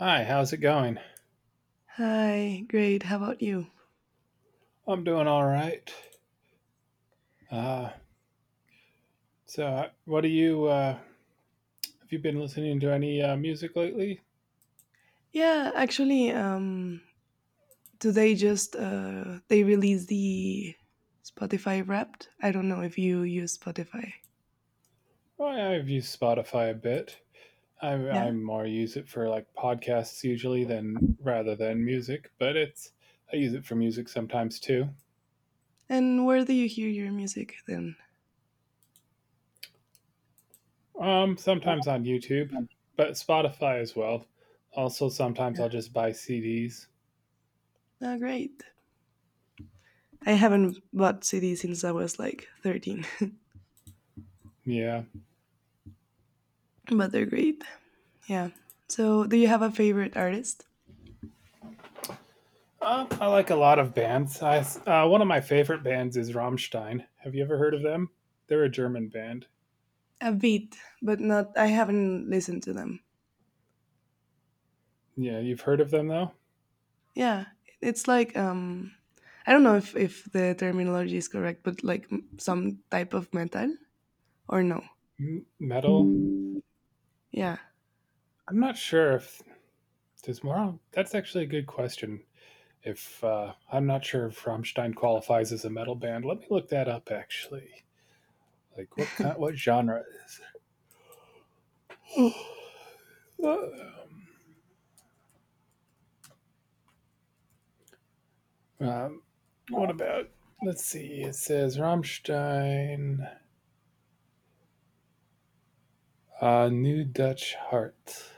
Hi, how's it going? Hi, great. How about you? I'm doing all right. Uh, what do you have you been listening to any music lately? Yeah, actually, today just they released the Spotify Wrapped. I don't know if you use Spotify. Well, I've used Spotify a bit. I Yeah. more use it for like podcasts usually than rather than music, but it's I use it for music sometimes too. And where do you hear your music then? Sometimes on YouTube, but Spotify as well. Also, sometimes Yeah. I'll just buy CDs. Oh, great. I haven't bought CD since I was like 13. Yeah. But they're great. Yeah. So, do you have a favorite artist? I like a lot of bands. One of my favorite bands is Rammstein. Have you ever heard of them? They're a German band. A bit, but not. I haven't listened to them. Yeah, you've heard of them though. Yeah, it's like I don't know if the terminology is correct, but like some type of metal or no. M- metal. Yeah. I'm not sure if there's more. That's actually a good question. If I'm not sure if Rammstein qualifies as a metal band, let me look that up. Actually, what genre is? It? Um, what about? Let's see. It says Rammstein. New Dutch Hart.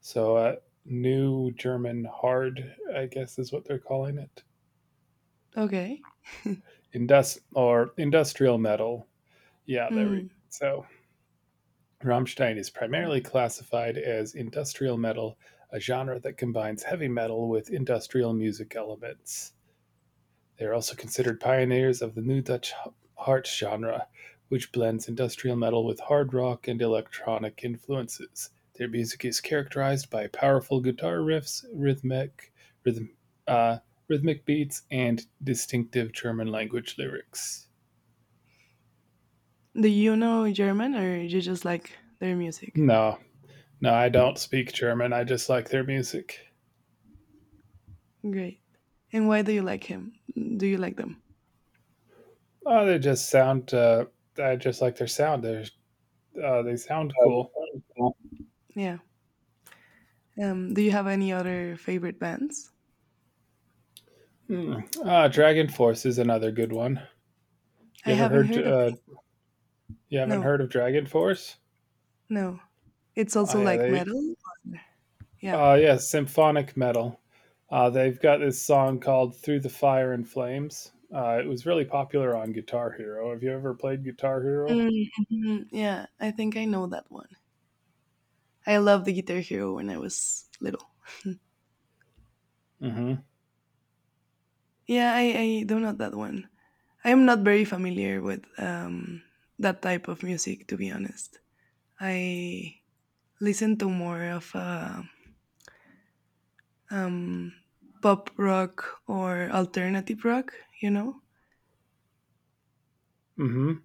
So, uh, New German hard, I guess is what they're calling it. Okay. Indus- or industrial metal. Yeah, there we Mm. So, Rammstein is primarily classified as industrial metal, a genre that combines heavy metal with industrial music elements. They are also considered pioneers of the new Dutch heart genre, which blends industrial metal with hard rock and electronic influences. Their music is characterized by powerful guitar riffs, rhythm, uh, rhythmic beats, and distinctive German language lyrics. Do you know German or you just like their music? No, no, I don't speak German. I just like their music. Great. And why do you like him? Do you like them? Oh, they just sound. I just like their sound. They sound cool. Yeah. Do you have any other favorite bands? Hmm. Ah, Dragon Force is another good one. I You ever haven't heard heard of. uh, You haven't No, heard of Dragon Force? no. It's Oh also yeah, like they metal. Yeah. uh yeah, symphonic metal. They've got this song called Through the Fire and Flames. It was really popular on Guitar Hero. Have you ever played Guitar Hero? Mm, mhm. Yeah, I think I know that one. I loved the Guitar Hero when I was little. Mm-hmm. Yeah, I do not that one. I am not very familiar with that type of music, to be honest. I listen to more of um, pop rock or alternative rock, you know? Mm-hmm.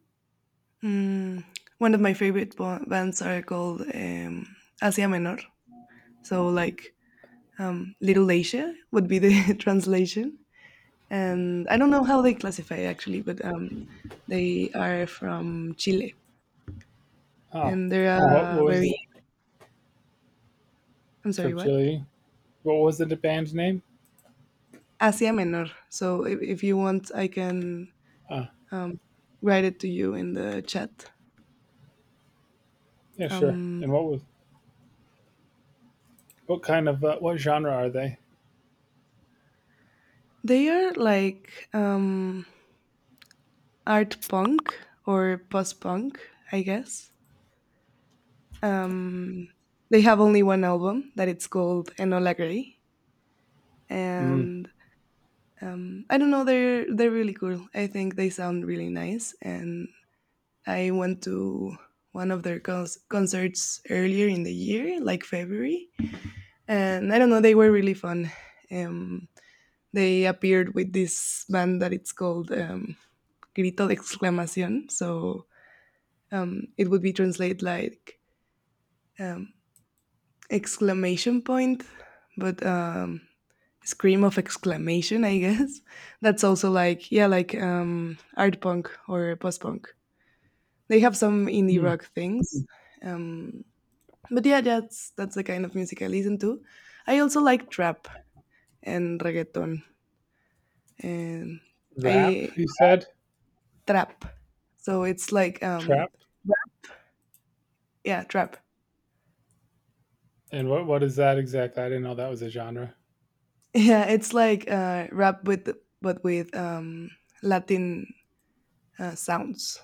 Mm, one of my favorite bands are called Asia Menor. So, like, Little Asia would be the translation. And I don't know how they classify actually, but they are from Chile, Oh. and they're And what very. was I'm sorry, from what? Chile? What was the band name? Asia Menor. So if you want, I can Uh, um, write it to you in the chat. yeah, sure. Um, And what was What kind of what genre are they? they are like art punk or post punk, I guess. Um, they have only one album that it's called Enolagri, Mm. and I don't know. They're really cool. I think they sound really nice, and I went to one of their concerts earlier in the year, like February, and I don't know. They were really fun. Um, they appeared with this band that it's called Grito de Exclamación. So it would be translated like um, exclamation point, but scream of exclamation, I guess. That's also like, yeah, like art punk or post punk. They have some indie Hmm. rock things, um but yeah, that's the kind of music I listen to. I also like trap and reggaeton, and Rap, I you said? trap. So it's like Trap? rap- yeah, trap. And what is that exactly? I didn't know that was a genre. Yeah, it's like rap with, but with Latin sounds,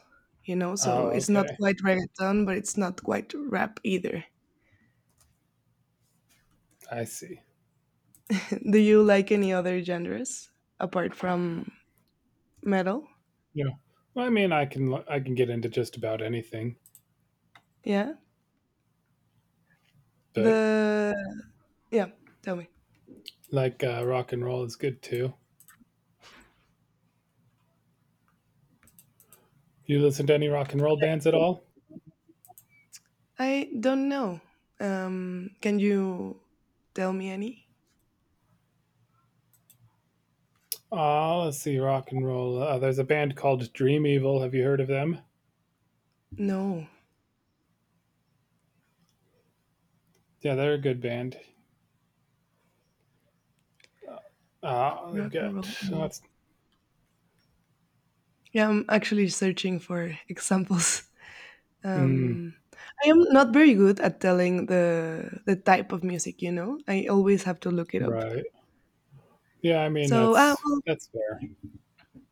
you know. So Oh, it's not okay. quite reggaeton, but it's not quite rap either. I see. Do you like any other genres apart from metal? Yeah. Well, I mean, I can get into just about anything, Yeah. but The yeah, tell me. like rock and roll is good too. You listen to any rock and roll bands at all? I don't know. Can you tell me any? Let's see, rock and roll. There's a band called Dream Evil. Have you heard of them? No, Yeah, they're a good band. They've rock and roll. got Mm. that's Yeah, I'm actually searching for examples. mm, Um, I am not very good at telling the type of music. You know, I always have to look it up. Right. Yeah, I mean So, that's well, that's fair.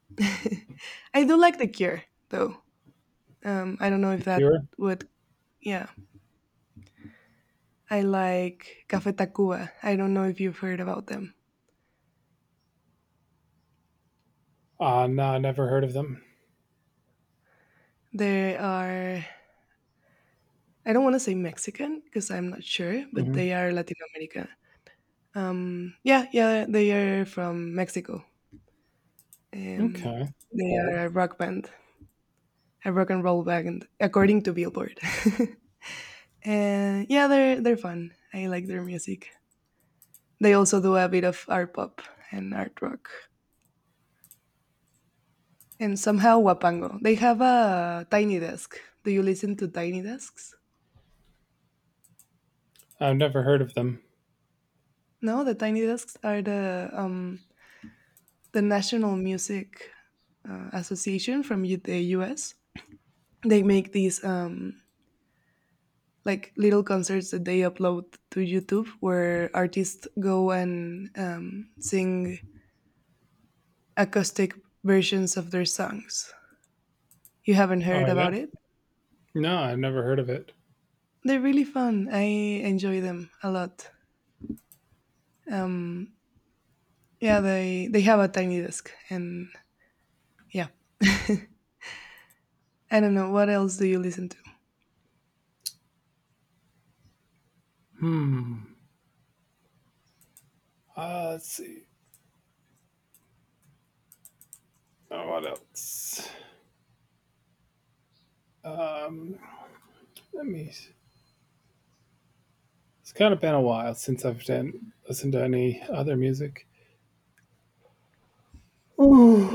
I do like The Cure, though. I don't know The if that Cure. would. Yeah, I like Café Tacuba. I don't know if you've heard about them. No, I never heard of them. They are. I don't want to say Mexican because I'm not sure, but Hmm. they are Latin America. Yeah, yeah, they are from Mexico. Um, Okay, they are a rock band, a rock and roll band, according to Billboard. And yeah, they're fun. I like their music. They also do a bit of art pop and art rock. And somehow Wapango. They have a tiny desk. Do you listen to tiny desks? I've never heard of them. No, the tiny desks are the National Music Association from the U.S. They make these like little concerts that they upload to YouTube, where artists go and sing acoustic versions of their songs. You haven't Oh heard yeah, about it? no, I've never heard of it. They're really fun. I enjoy them a lot. Um, Yeah, they have a tiny desk, and yeah, I don't know what else do you listen to. Hmm. Let's see. Oh, what else? Um, let me. It's kind of been a while since I've done listened to any other music. Ooh,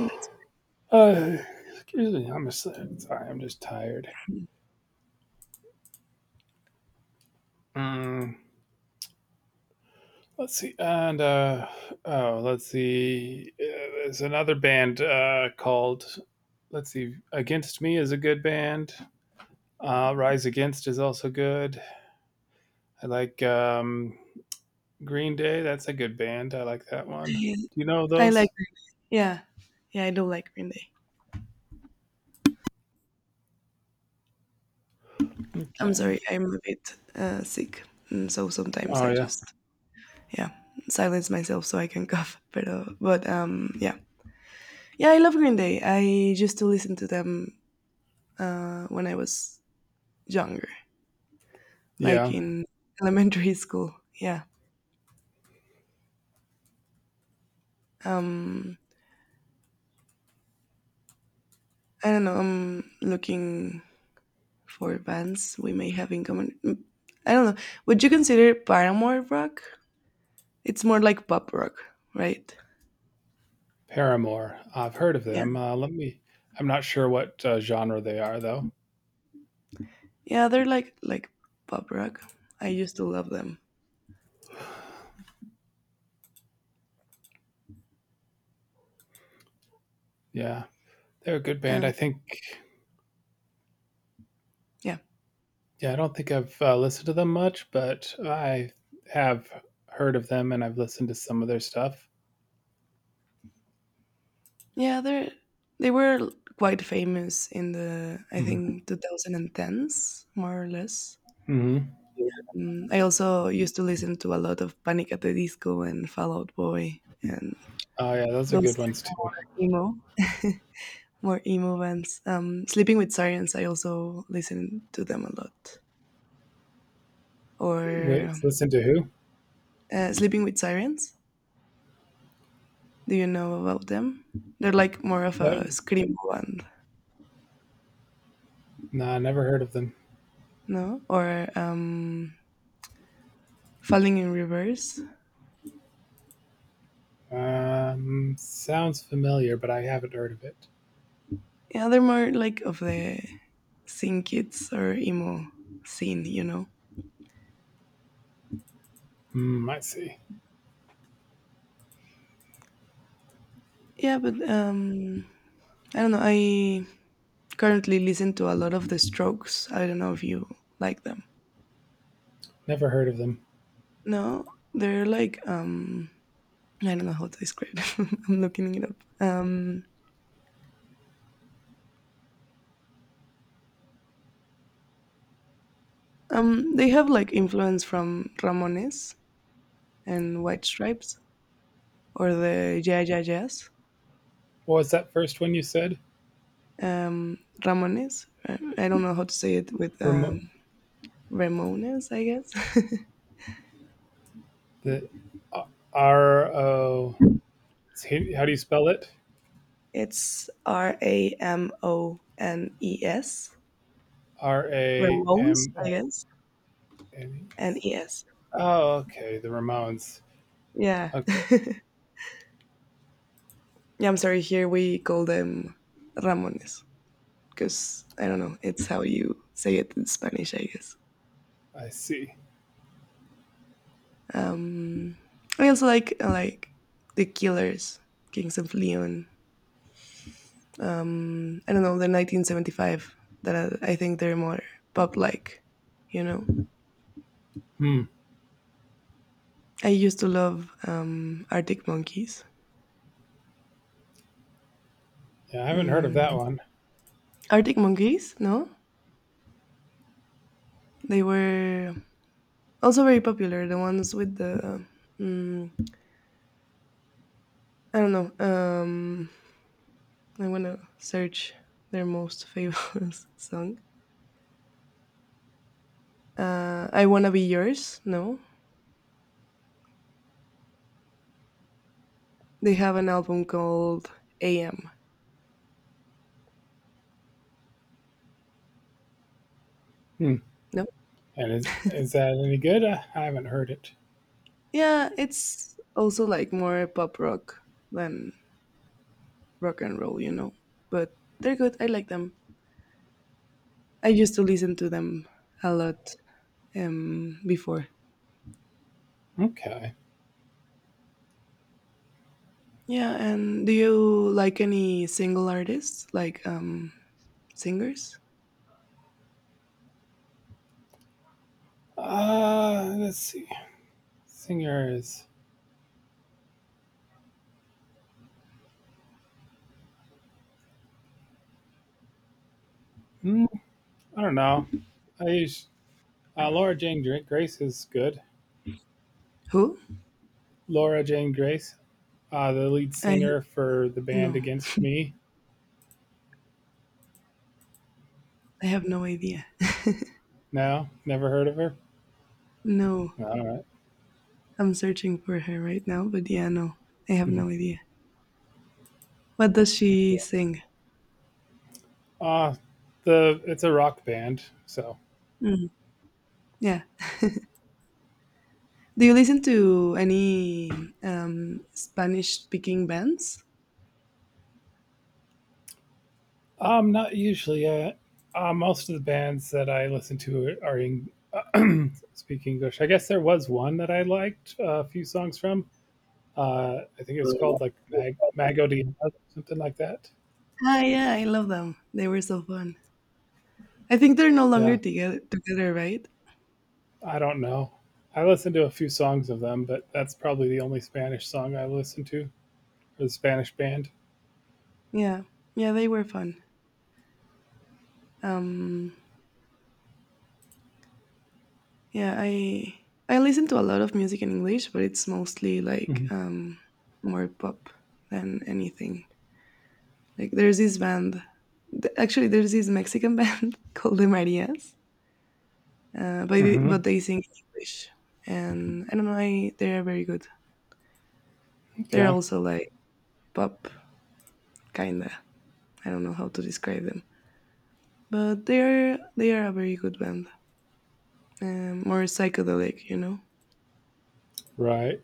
uh, excuse me, I'm just sorry. I'm just tired. Mm, let's see, and oh, let's see. There's another band called. Let's see, Against Me is a good band. Rise Against is also good. I like Green Day. That's a good band. I like that one. Do you know I like, those? Green Day. Yeah, yeah, I do like Green Day. I'm Okay. sorry, I'm a bit sick, and so sometimes Oh, I yeah. just yeah silence myself so I can cough. But yeah, yeah, I love Green Day. I used to listen to them when I was younger, like Yeah. in elementary school. Yeah. Um, I don't know. I'm looking for bands we may have in common. I don't know. Would you consider Paramore rock? It's more like pop rock, right? Paramore. I've heard of Yeah. them. I'm not sure what genre they are, though. Yeah, they're like pop rock. I used to love them. Yeah. They're a good band. Um, I think yeah. yeah, I don't think I've listened to them much, but I have heard of them and I've listened to some of their stuff. Yeah, they were quite famous in the I think 2010s, more or less. Mm-hmm. I also used to listen to a lot of Panic at the Disco and Fall Out Boy and Oh, yeah. Those are those good type ones, of too. emo. More emo bands. Sleeping with Sirens, I also listen to them a lot. Wait, Or listen to who? Sleeping with Sirens, do you know about them? They're like more of No, a scream band, nah, never heard of them. no? Or Falling in Reverse. Sounds familiar, but I haven't heard of it. Yeah, they're more like of the scene kids or emo scene, you know? Hmm, I see. Yeah, but I don't know. I currently listen to a lot of The Strokes. I don't know if you like them. Never heard of them. No, they're like I don't know how to describe it. I'm looking it up. They have like influence from Ramones and White Stripes or the Yeah Yeah Jazz. What was that first one you said? Ramones. I don't know how to say it with Remo- Ramones, I guess. The uh, R O. How do you spell it? It's Ramones. R A Ramones, M I O guess. N E And S. E S. Oh, okay. The Ramones. Yeah. Okay, Yeah, I'm sorry. Here we call them Ramones because I don't know. It's how you say it in Spanish, I guess. I see. Um, I also like the Killers, Kings of Leon. I don't know the 1975 that I think they're more pop like. You know, Hmm. I used to love Arctic Monkeys. Yeah, I haven't heard of that Mm, one. Arctic Monkeys? No, they were also very popular. The ones with the. mm, I don't know. I'm gonna search their most famous song. I wanna be yours. No, they have an album called AM. Hmm. No? And is that any good? I haven't heard it. Yeah, it's also like more pop rock than rock and roll, you know. But they're good. I like them. I used to listen to them a lot before. Okay. Yeah, and do you like any single artists, like singers? Let's see. Singers. Hmm. I don't know. I use Laura Jane Grace is good. Who? Laura Jane Grace, the lead I singer for the band no, Against Me. I have no idea. No, never heard of her. No, All right. I'm searching for her right now, but yeah, no, I have Mhm. no idea. What does she Yeah. sing? Uh the it's a rock band, so Mm, yeah. Do you listen to any Spanish speaking bands? Not usually most of the bands that I listen to are in speak English. I guess there was one that I liked a few songs from. I think it was called like Mag Mago Diaz something like that. Yeah, I love them. They were so fun. I think they're no longer Yeah. together, right? I don't know. I listened to a few songs of them, but that's probably the only Spanish song I listened to or the Spanish band. Yeah, yeah, they were fun. Um, yeah, I listen to a lot of music in English, but it's mostly like Mhm. More pop than anything. Like there's this band, actually, there's this Mexican band called the Marias, but they, Mhm. but they sing in English, and I don't know, they are very good. They're Okay. also like pop, kinda. I don't know how to describe them, but they are a very good band. More psychedelic, you know. Right.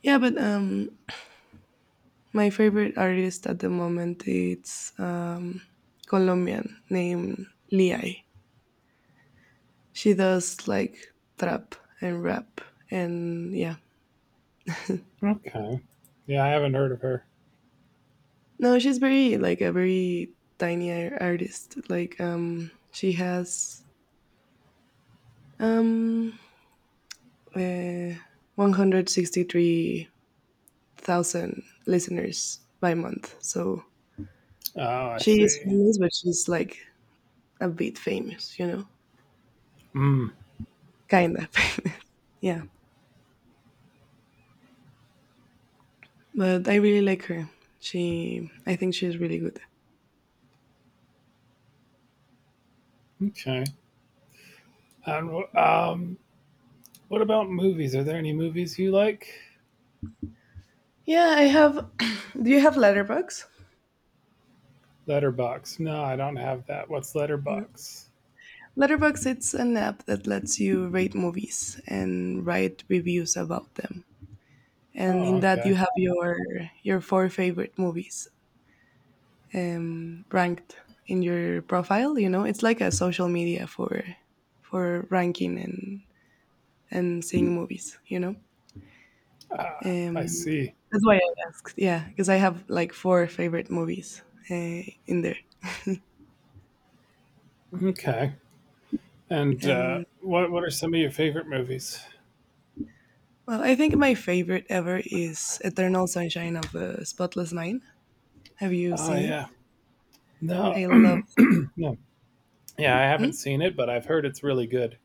Yeah, but my favorite artist at the moment it's Colombian named Liai. She does like trap and rap and yeah. Okay. Yeah, I haven't heard of her. No, she's very like a very tiny artist. Like she has um, uh, 163,000 listeners by month. So Oh, I she is see. famous, but she's like a bit famous, you know, Mm. kinda famous. Yeah, but I really like her. I think she's really good. Okay. And um, what about movies? Are there any movies you like? Yeah, I have. Do you have Letterbox? Letterbox. No, I don't have that. What's Letterbox? Letterbox, it's an app that lets you rate movies and write reviews about them. And Oh, in that, you okay. have your four favorite movies ranked in your profile. You know, it's like a social media for ranking and seeing movies. You know, I um, see. that's why I asked. Yeah, because I have like four favorite movies in there. Okay. And um, what are some of your favorite movies? well, I think my favorite ever is Eternal Sunshine of the Spotless Mind. Have you Oh seen it? yeah. No, I love it. no. Yeah, I haven't Hmm? seen it, but I've heard it's really good.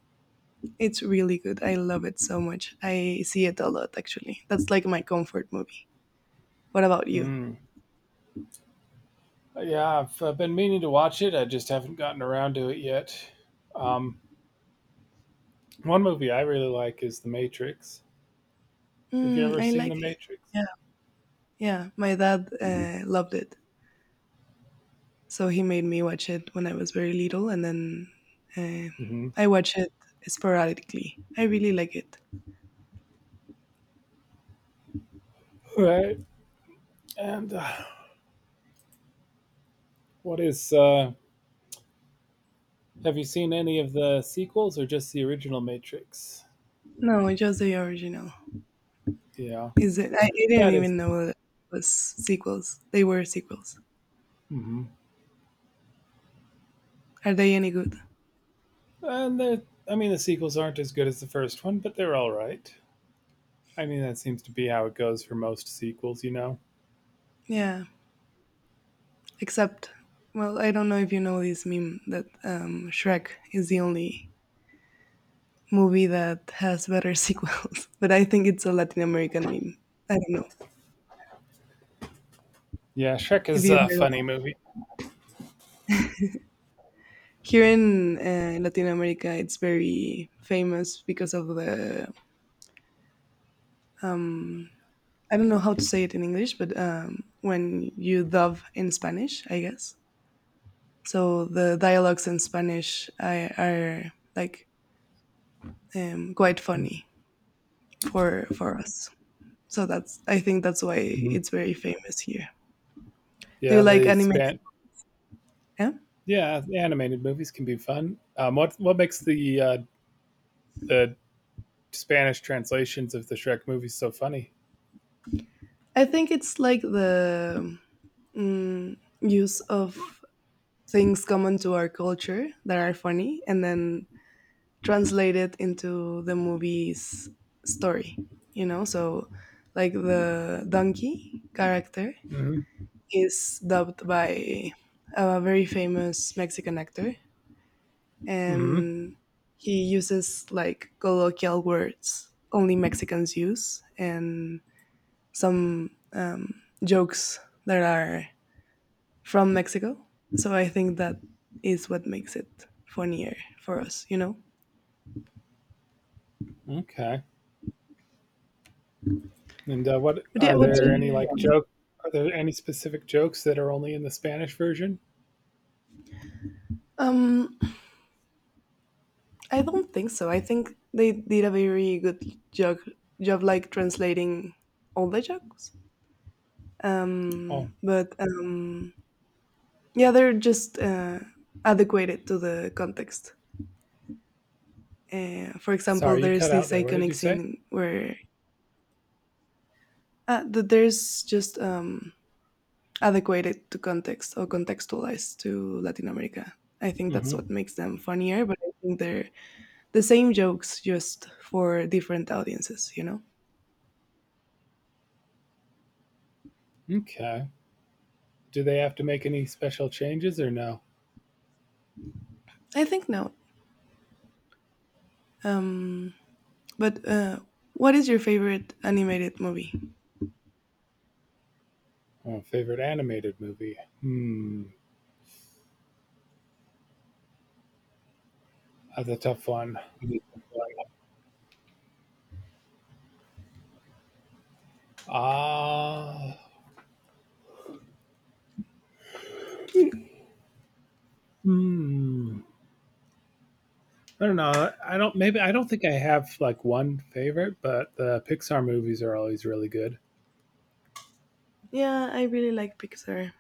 It's really good. I love it so much. I see it a lot, actually. That's like my comfort movie. What about you? Mm. Yeah, I've been meaning to watch it. I just haven't gotten around to it yet. Um, one movie I really like is The Matrix. Have you Mm, ever I seen The like it. Matrix? Yeah, yeah. My dad loved it, so he made me watch it when I was very little, and then uh, Hmm. I watch it sporadically. I really like it. Right. And what is? Have you seen any of the sequels or just the original Matrix? No, just the original. Yeah, Is it? I didn't that is. even know that it was sequels. They were sequels. Hmm. Are they any good? And the, I mean, the sequels aren't as good as the first one, but they're all right. I mean, that seems to be how it goes for most sequels, you know. Yeah, except well, I don't know if you know this meme that Shrek is the only movie that has better sequels, but I think it's a Latin American meme. I don't know Yeah, Shrek if is you a heard. funny movie. Here in Latin America, it's very famous because of the. um, I don't know how to say it in English, but when you dub in Spanish, I guess. So the dialogues in Spanish are like quite Hmm. funny for us. So that's I think that's why it's very famous here. Do you Yeah, like the animated? span. Yeah, Yeah, animated movies can be fun. What makes the the Spanish translations of the Shrek movies so funny? I think it's like the use of things common to our culture that are funny, and then translate it into the movie's story, so like the donkey character Mm-hmm. is dubbed by a very famous Mexican actor, Mm-hmm. and he uses like colloquial words only Mexicans use, and some jokes that are from Mexico. So I think that is what makes it funnier for us, you know. Okay. And what But yeah, are what? there any like joke? Are there any specific jokes that are only in the Spanish version? um, I don't think so. I think they did a very good job, job, like translating all the jokes. Oh, But Yeah, they're just adequated to the context. For example, sorry, you there's cut out this there. What did iconic you say? scene where th- there's just adequated to context, or contextualized to Latin America. I think that's Hmm. what makes them funnier, but I think they're the same jokes just for different audiences, you know? Okay. Do they have to make any special changes or no? I think no. Um, but What is your favorite animated movie? Oh, favorite animated movie? Hmm. That's a tough one. Ah. Hmm. I don't think I have like one favorite, but the Pixar movies are always really good. Yeah, I really like Pixar.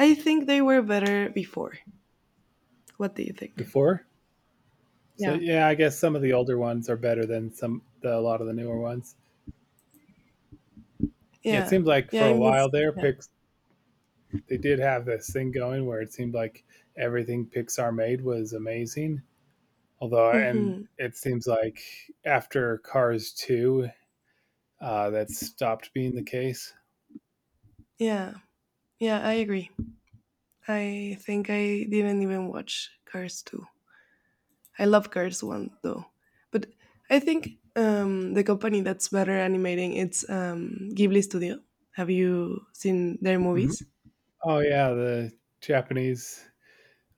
I think they were better before. What do you think? Before, so Yeah. yeah, I guess some of the older ones are better than a lot of the newer ones. Yeah, it Yeah. seemed like Yeah, for I a miss. while there, Yeah. Pix they did have this thing going where it seemed like everything Pixar made was amazing. Although, and Hmm. it seems like after Cars two, that stopped being the case. Yeah. Yeah, I agree. I think I didn't even watch Cars 2. I love Cars One though, but I think the company that's better animating, it's Ghibli Studio. Have you seen their Mhm. movies? Oh yeah, the Japanese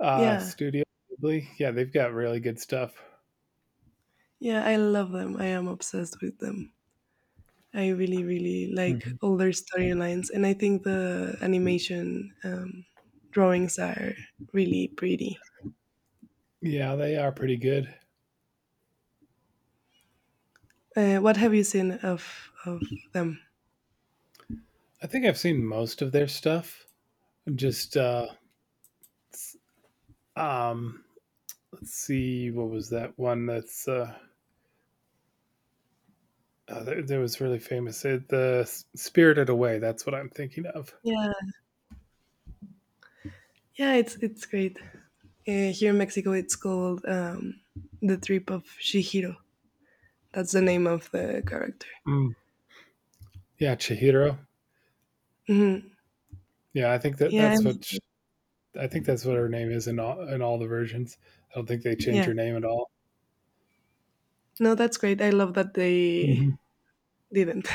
Yeah, studio, Ghibli. Yeah, they've got really good stuff. yeah, I love them. I am obsessed with them. I really, really like Mhm. all their storylines, and I think the animation drawings are really pretty. Yeah, they are pretty good. What have you seen of them? I think I've seen most of their stuff. Just um, let's see, what was that one that's that, that was really famous. It, the Spirited Away. That's what I'm thinking of. Yeah, yeah, it's great. Here in Mexico, it's called the Trip of Shihiro. That's the name of the character. Mm. Yeah, Chihiro. Hmm. Yeah, I think that Yeah, I that's what like sh- it. I think that's what her name is in all the versions. I don't think they change Yeah. her name at all. No, that's great. I love that they Mhm. didn't.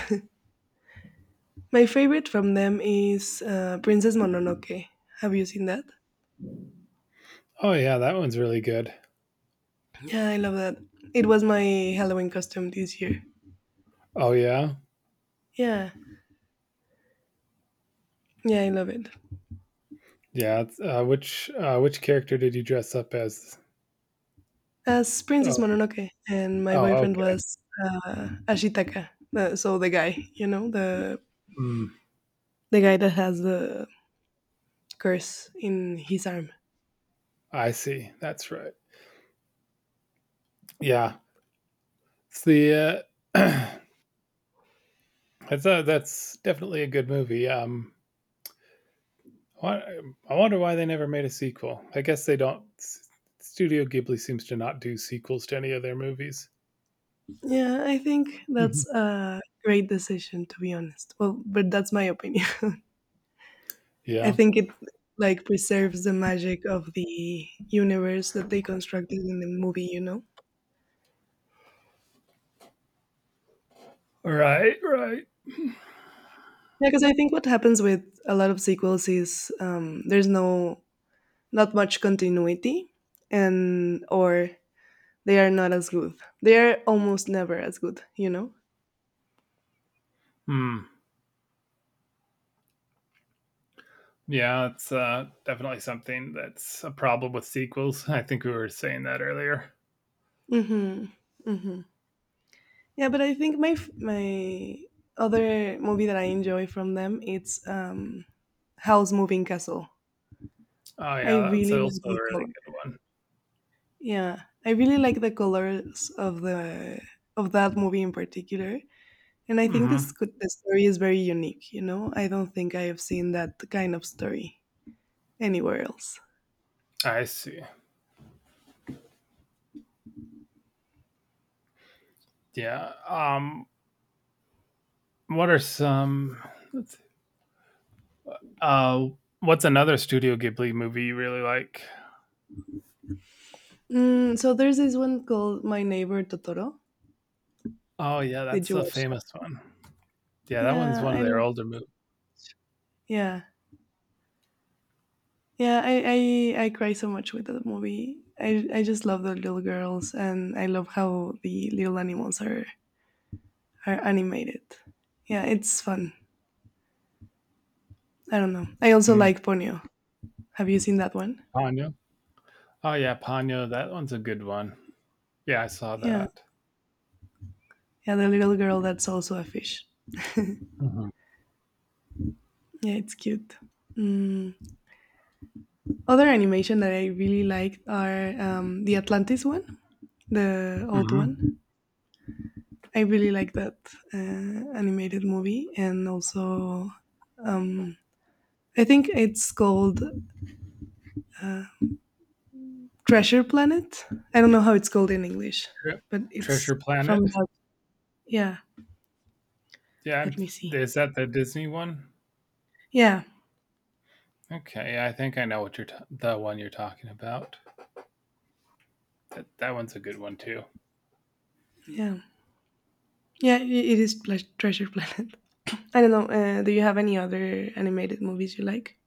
My favorite from them is Princess Mononoke. Have you seen that? Oh yeah, that one's really good. Yeah, I love that. It was my Halloween costume this year. Oh yeah, Yeah, yeah, I love it. yeah. Which character did you dress up as? As Princess Oh, Mononoke, and my oh, boyfriend okay. was Ashitaka. So the guy, you know, the Mm, the guy that has the curse in his arm. I see. That's right. Yeah, it's the. Uh, I thought that's definitely a good movie. I wonder why they never made a sequel. I guess they don't. Studio Ghibli seems to not do sequels to any of their movies. Yeah, I think that's Mm-hmm. a great decision, to be honest. Well, but that's my opinion. I Yeah. think it like preserves the magic of the universe that they constructed in the movie, you know? Right, right. Yeah, because I think what happens with a lot of sequels is there's no not much continuity, and or they are not as good. They are almost never as good, you know. Hmm. Yeah, it's definitely something that's a problem with sequels. I think we were saying that earlier. Mm-hmm. Mm-hmm. Yeah, but I think my other movie that I enjoy from them, it's House Moving Castle. Oh I yeah, that's really like also a the really color. good one. Yeah, I really like the colors of the of that movie in particular, and I think Mm-hmm. The story is very unique. You know, I don't think I have seen that kind of story anywhere else. I see. Yeah. What are some? Let's. See. Uh. What's another Studio Ghibli movie you really like? Mm, so there's this one called My Neighbor Totoro. Oh yeah, Did that's you a watch famous that? one. Yeah, that one's Yeah, one of I their love. older movies. Yeah. Yeah, I, I cry so much with that movie. I just love the little girls, and I love how the little animals are animated. Yeah, it's fun. I don't know. I also Mm. like Ponyo. Have you seen that one? Ponyo. Oh yeah, Ponyo. That one's a good one. Yeah, I saw Yeah, that. yeah, the little girl that's also a fish. Mm-hmm. Yeah, it's cute. Mm. Other animation that I really liked are the Atlantis one, the old Mm-hmm. one. I really like that animated movie, and also I think it's called Treasure Planet. I don't know how it's called in English, Tre- but it's Treasure from Planet. that. Yeah, let me see. Is that the Disney one? Yeah, Okay, I think I know what the one you're talking about. That that one's a good one too. yeah, It is Treasure Planet. I don't know. Do you have any other animated movies you like?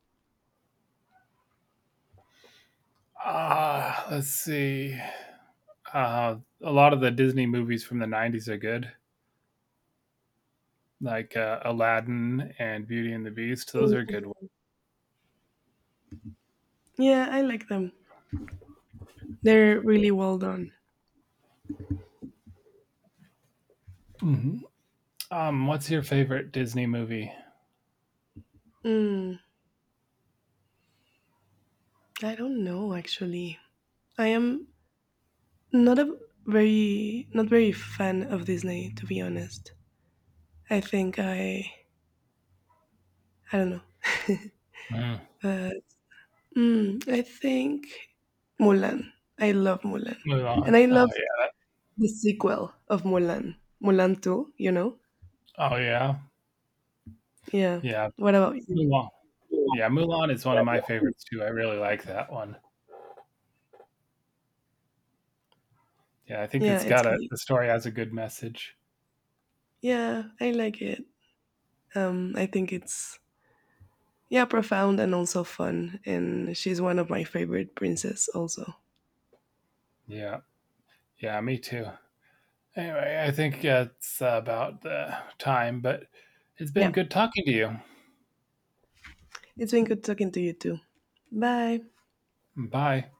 Let's see. A lot of the Disney movies from the '90s are good, like Aladdin and Beauty and the Beast. Those are Mm. good ones. Yeah, I like them. They're really well done. Mm-hmm. What's your favorite Disney movie? I don't know actually. I am not a very not very fan of Disney, to be honest. I think I don't know. Mm. But mm, I think Mulan. I love Mulan. Mulan. And I Oh love yeah. the sequel of Mulan, Mulan 2, you know? Oh yeah. Yeah. Yeah. What about you? Mulan. Yeah, Mulan is one of my favorites too. I really like that one. Yeah, I think Yeah, it's it's got a great. the story has a good message. Yeah, I like it. I think it's yeah, profound and also fun. And she's one of my favorite princess also. Yeah. Yeah, me too. Anyway, I think it's about time, but it's been Yeah. good talking to you. It's been good talking to you too. Bye. Bye.